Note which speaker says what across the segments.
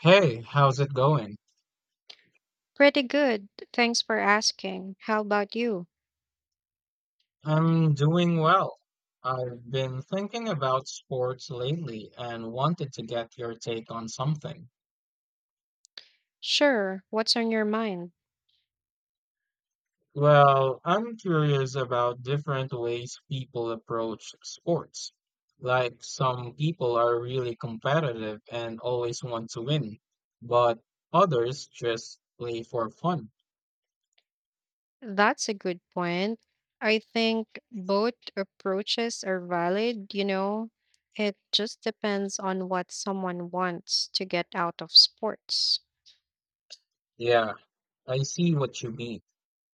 Speaker 1: Hey, how's it going?
Speaker 2: Pretty good. Thanks for asking. How about you?
Speaker 1: I'm doing well. I've been thinking about sports lately and wanted to get your take on something.
Speaker 2: Sure. What's on your mind?
Speaker 1: Well, I'm curious about different ways people approach sports. Like some people are really competitive and always want to win, but others just play for fun.
Speaker 2: That's a good point. I think both approaches are valid, you know. It just depends on what someone wants to get out of sports.
Speaker 1: Yeah, I see what you mean.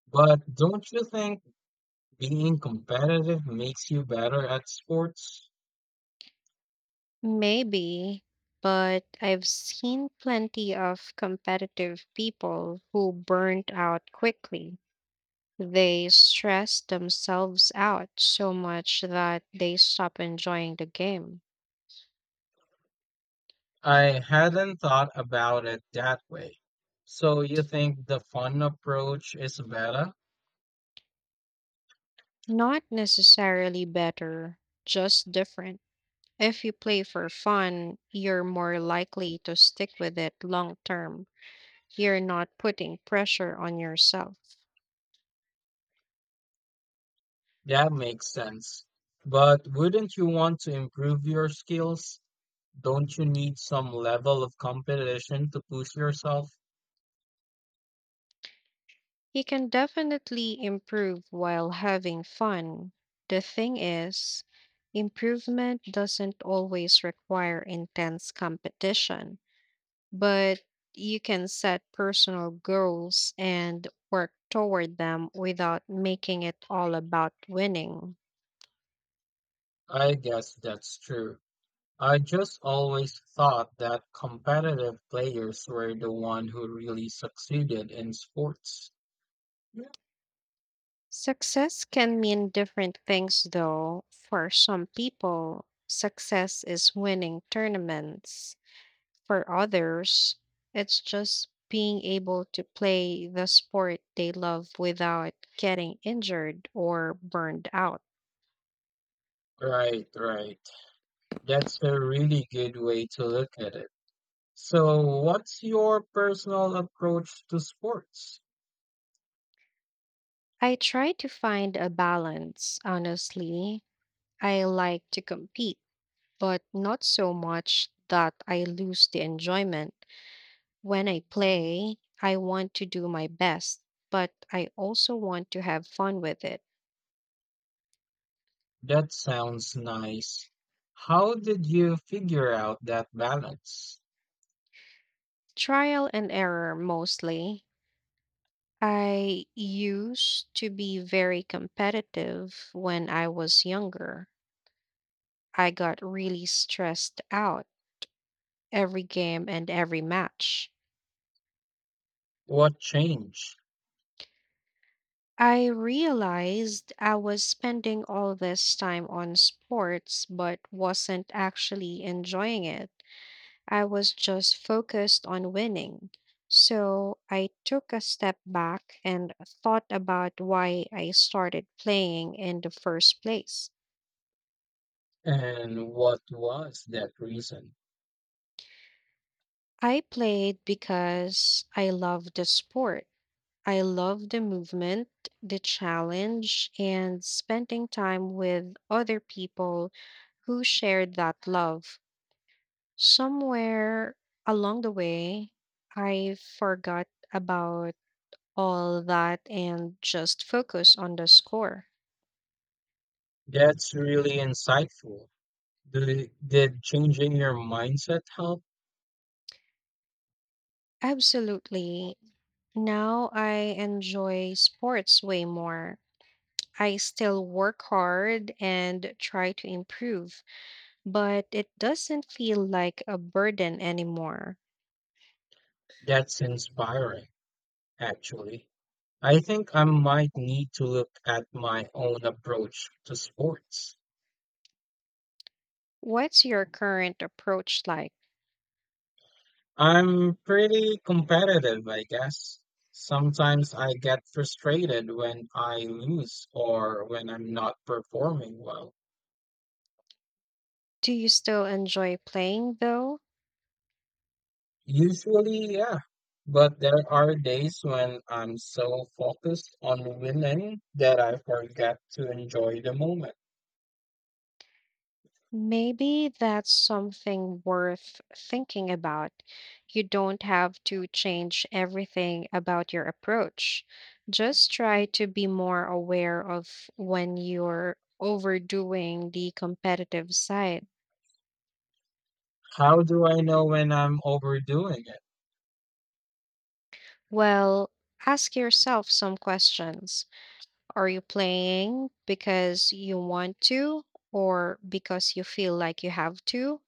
Speaker 1: But don't you think being competitive makes you better at sports?
Speaker 2: Maybe, but I've seen plenty of competitive people who burnt out quickly. They stress themselves out so much that they stop enjoying the game.
Speaker 1: I hadn't thought about it that way. So you think the fun approach is better?
Speaker 2: Not necessarily better, just different. If you play for fun, you're more likely to stick with it long term. You're not putting pressure on yourself.
Speaker 1: That makes sense. But wouldn't you want to improve your skills? Don't you need some level of competition to push yourself?
Speaker 2: You can definitely improve while having fun. The thing is, improvement doesn't always require intense competition, but you can set personal goals and work toward them without making it all about winning.
Speaker 1: I guess that's true. I just always thought that competitive players were the one who really succeeded in sports. Yeah.
Speaker 2: Success can mean different things, though. For some people, success is winning tournaments. For others, it's just being able to play the sport they love without getting injured or burned out.
Speaker 1: Right, right. That's a really good way to look at it. So, what's your personal approach to sports?
Speaker 2: I try to find a balance, honestly. I like to compete, but not so much that I lose the enjoyment. When I play, I want to do my best, but I also want to have fun with it.
Speaker 1: That sounds nice. How did you figure out that balance?
Speaker 2: Trial and error mostly. I used to be very competitive when I was younger. I got really stressed out every game and every match.
Speaker 1: What changed?
Speaker 2: I realized I was spending all this time on sports, but wasn't actually enjoying it. I was just focused on winning. So I took a step back and thought about why I started playing in the first place.
Speaker 1: And what was that reason?
Speaker 2: I played because I loved the sport. I love the movement, the challenge, and spending time with other people who shared that love. Somewhere along the way, I forgot about all that and just focused on the score.
Speaker 1: That's really insightful. Did changing your mindset help?
Speaker 2: Absolutely. Now I enjoy sports way more. I still work hard and try to improve, but it doesn't feel like a burden anymore.
Speaker 1: That's inspiring, actually. I think I might need to look at my own approach to sports.
Speaker 2: What's your current approach like?
Speaker 1: I'm pretty competitive, I guess. Sometimes I get frustrated when I lose or when I'm not performing well.
Speaker 2: Do you still enjoy playing though?
Speaker 1: Usually, yeah. But there are days when I'm so focused on winning that I forget to enjoy the moment.
Speaker 2: Maybe that's something worth thinking about. You don't have to change everything about your approach. Just try to be more aware of when you're overdoing the competitive side.
Speaker 1: How do I know when I'm overdoing it?
Speaker 2: Well, ask yourself some questions. Are you playing because you want to or because you feel like you have to?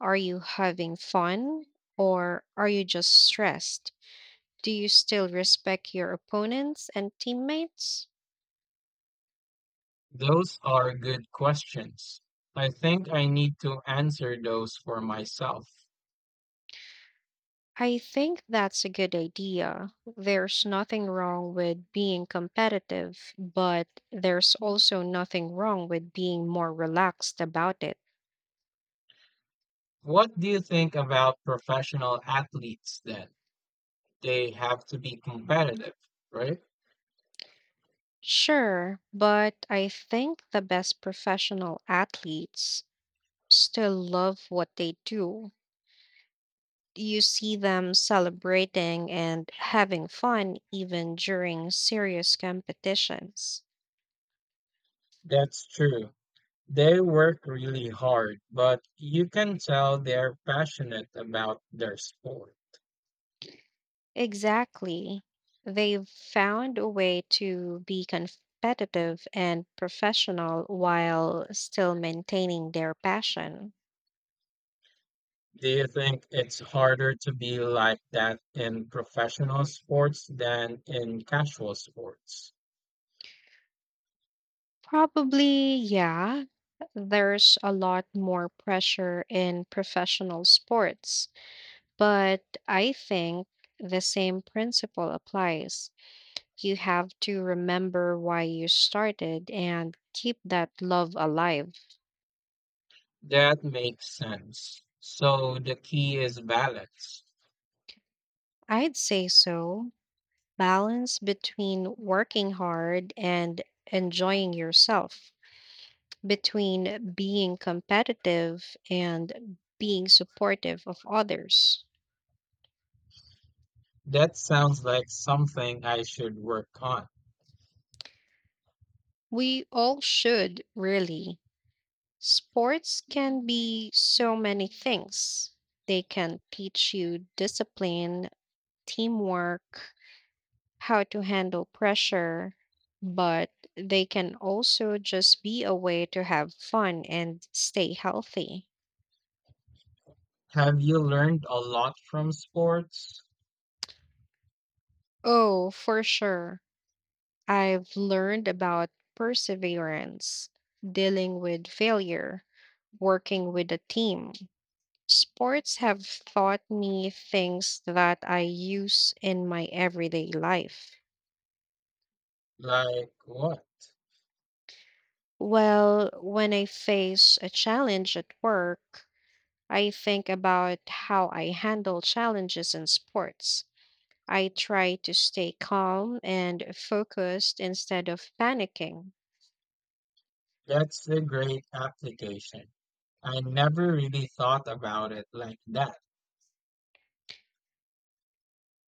Speaker 2: Are you having fun or are you just stressed? Do you still respect your opponents and teammates?
Speaker 1: Those are good questions. I think I need to answer those for myself.
Speaker 2: I think that's a good idea. There's nothing wrong with being competitive, but there's also nothing wrong with being more relaxed about it.
Speaker 1: What do you think about professional athletes then? They have to be competitive, right?
Speaker 2: Sure, but I think the best professional athletes still love what they do. You see them celebrating and having fun even during serious competitions.
Speaker 1: That's true. They work really hard, but you can tell they're passionate about their sport.
Speaker 2: Exactly. They've found a way to be competitive and professional while still maintaining their passion.
Speaker 1: Do you think it's harder to be like that in professional sports than in casual sports?
Speaker 2: Probably, yeah. There's a lot more pressure in professional sports, but I think the same principle applies. You have to remember why you started and keep that love alive.
Speaker 1: That makes sense. So the key is balance.
Speaker 2: I'd say so. Balance between working hard and enjoying yourself, between being competitive and being supportive of others.
Speaker 1: That sounds like something I should work on.
Speaker 2: We all should, really. Sports can be so many things. They can teach you discipline, teamwork, how to handle pressure, but they can also just be a way to have fun and stay healthy.
Speaker 1: Have you learned a lot from sports?
Speaker 2: Oh, for sure. I've learned about perseverance, dealing with failure, working with a team. Sports have taught me things that I use in my everyday life.
Speaker 1: Like what?
Speaker 2: Well, when I face a challenge at work, I think about how I handle challenges in sports. I try to stay calm and focused instead of panicking.
Speaker 1: That's a great application. I never really thought about it like that.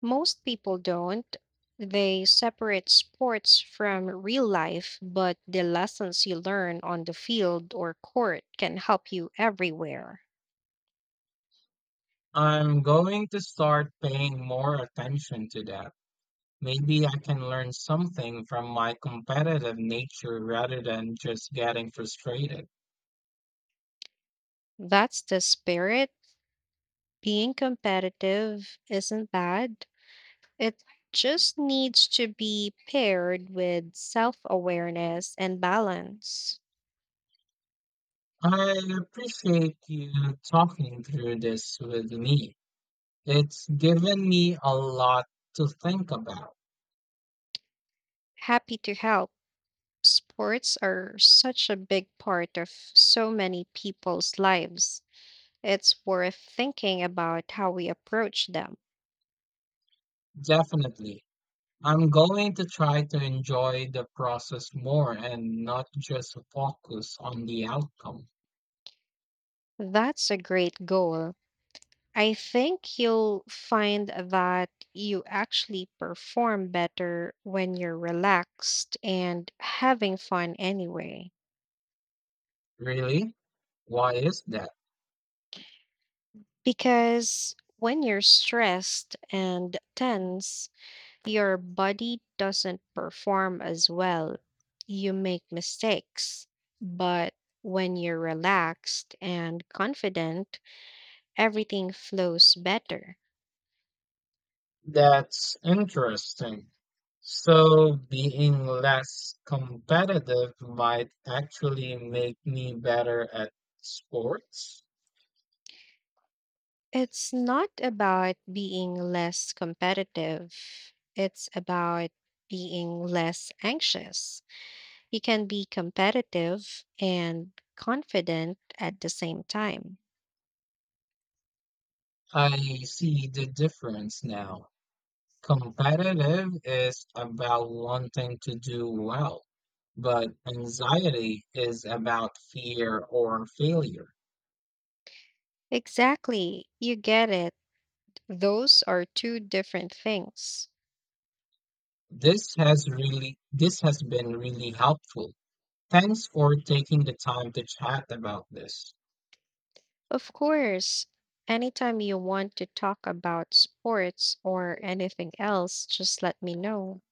Speaker 2: Most people don't. They separate sports from real life, but the lessons you learn on the field or court can help you everywhere.
Speaker 1: I'm going to start paying more attention to that. Maybe I can learn something from my competitive nature rather than just getting frustrated.
Speaker 2: That's the spirit. Being competitive isn't bad, it just needs to be paired with self awareness and balance.
Speaker 1: I appreciate you talking through this with me. It's given me a lot to think about,
Speaker 2: Happy to help. Sports are such a big part of so many people's lives. It's worth thinking about how we approach them.
Speaker 1: definitely. I'm going to try to enjoy the process more and not just focus on the outcome.
Speaker 2: That's a great goal. I think you'll find that you actually perform better when you're relaxed and having fun anyway.
Speaker 1: Really? Why is that?
Speaker 2: Because when you're stressed and tense, your body doesn't perform as well. You make mistakes. But when you're relaxed and confident, everything flows better.
Speaker 1: That's interesting. So, being less competitive might actually make me better at sports?
Speaker 2: It's not about being less competitive, it's about being less anxious. You can be competitive and confident at the same time.
Speaker 1: I see the difference now. Competitive is about wanting to do well, but anxiety is about fear or failure.
Speaker 2: Exactly. You get it. Those are two different things.
Speaker 1: This has been really helpful. Thanks for taking the time to chat about this.
Speaker 2: Of course, anytime you want to talk about sports or anything else, just let me know.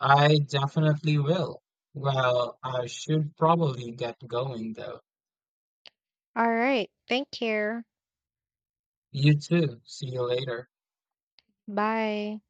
Speaker 1: I definitely will. Well, I should probably get going though.
Speaker 2: All right. Thank you.
Speaker 1: You too. See you later.
Speaker 2: Bye.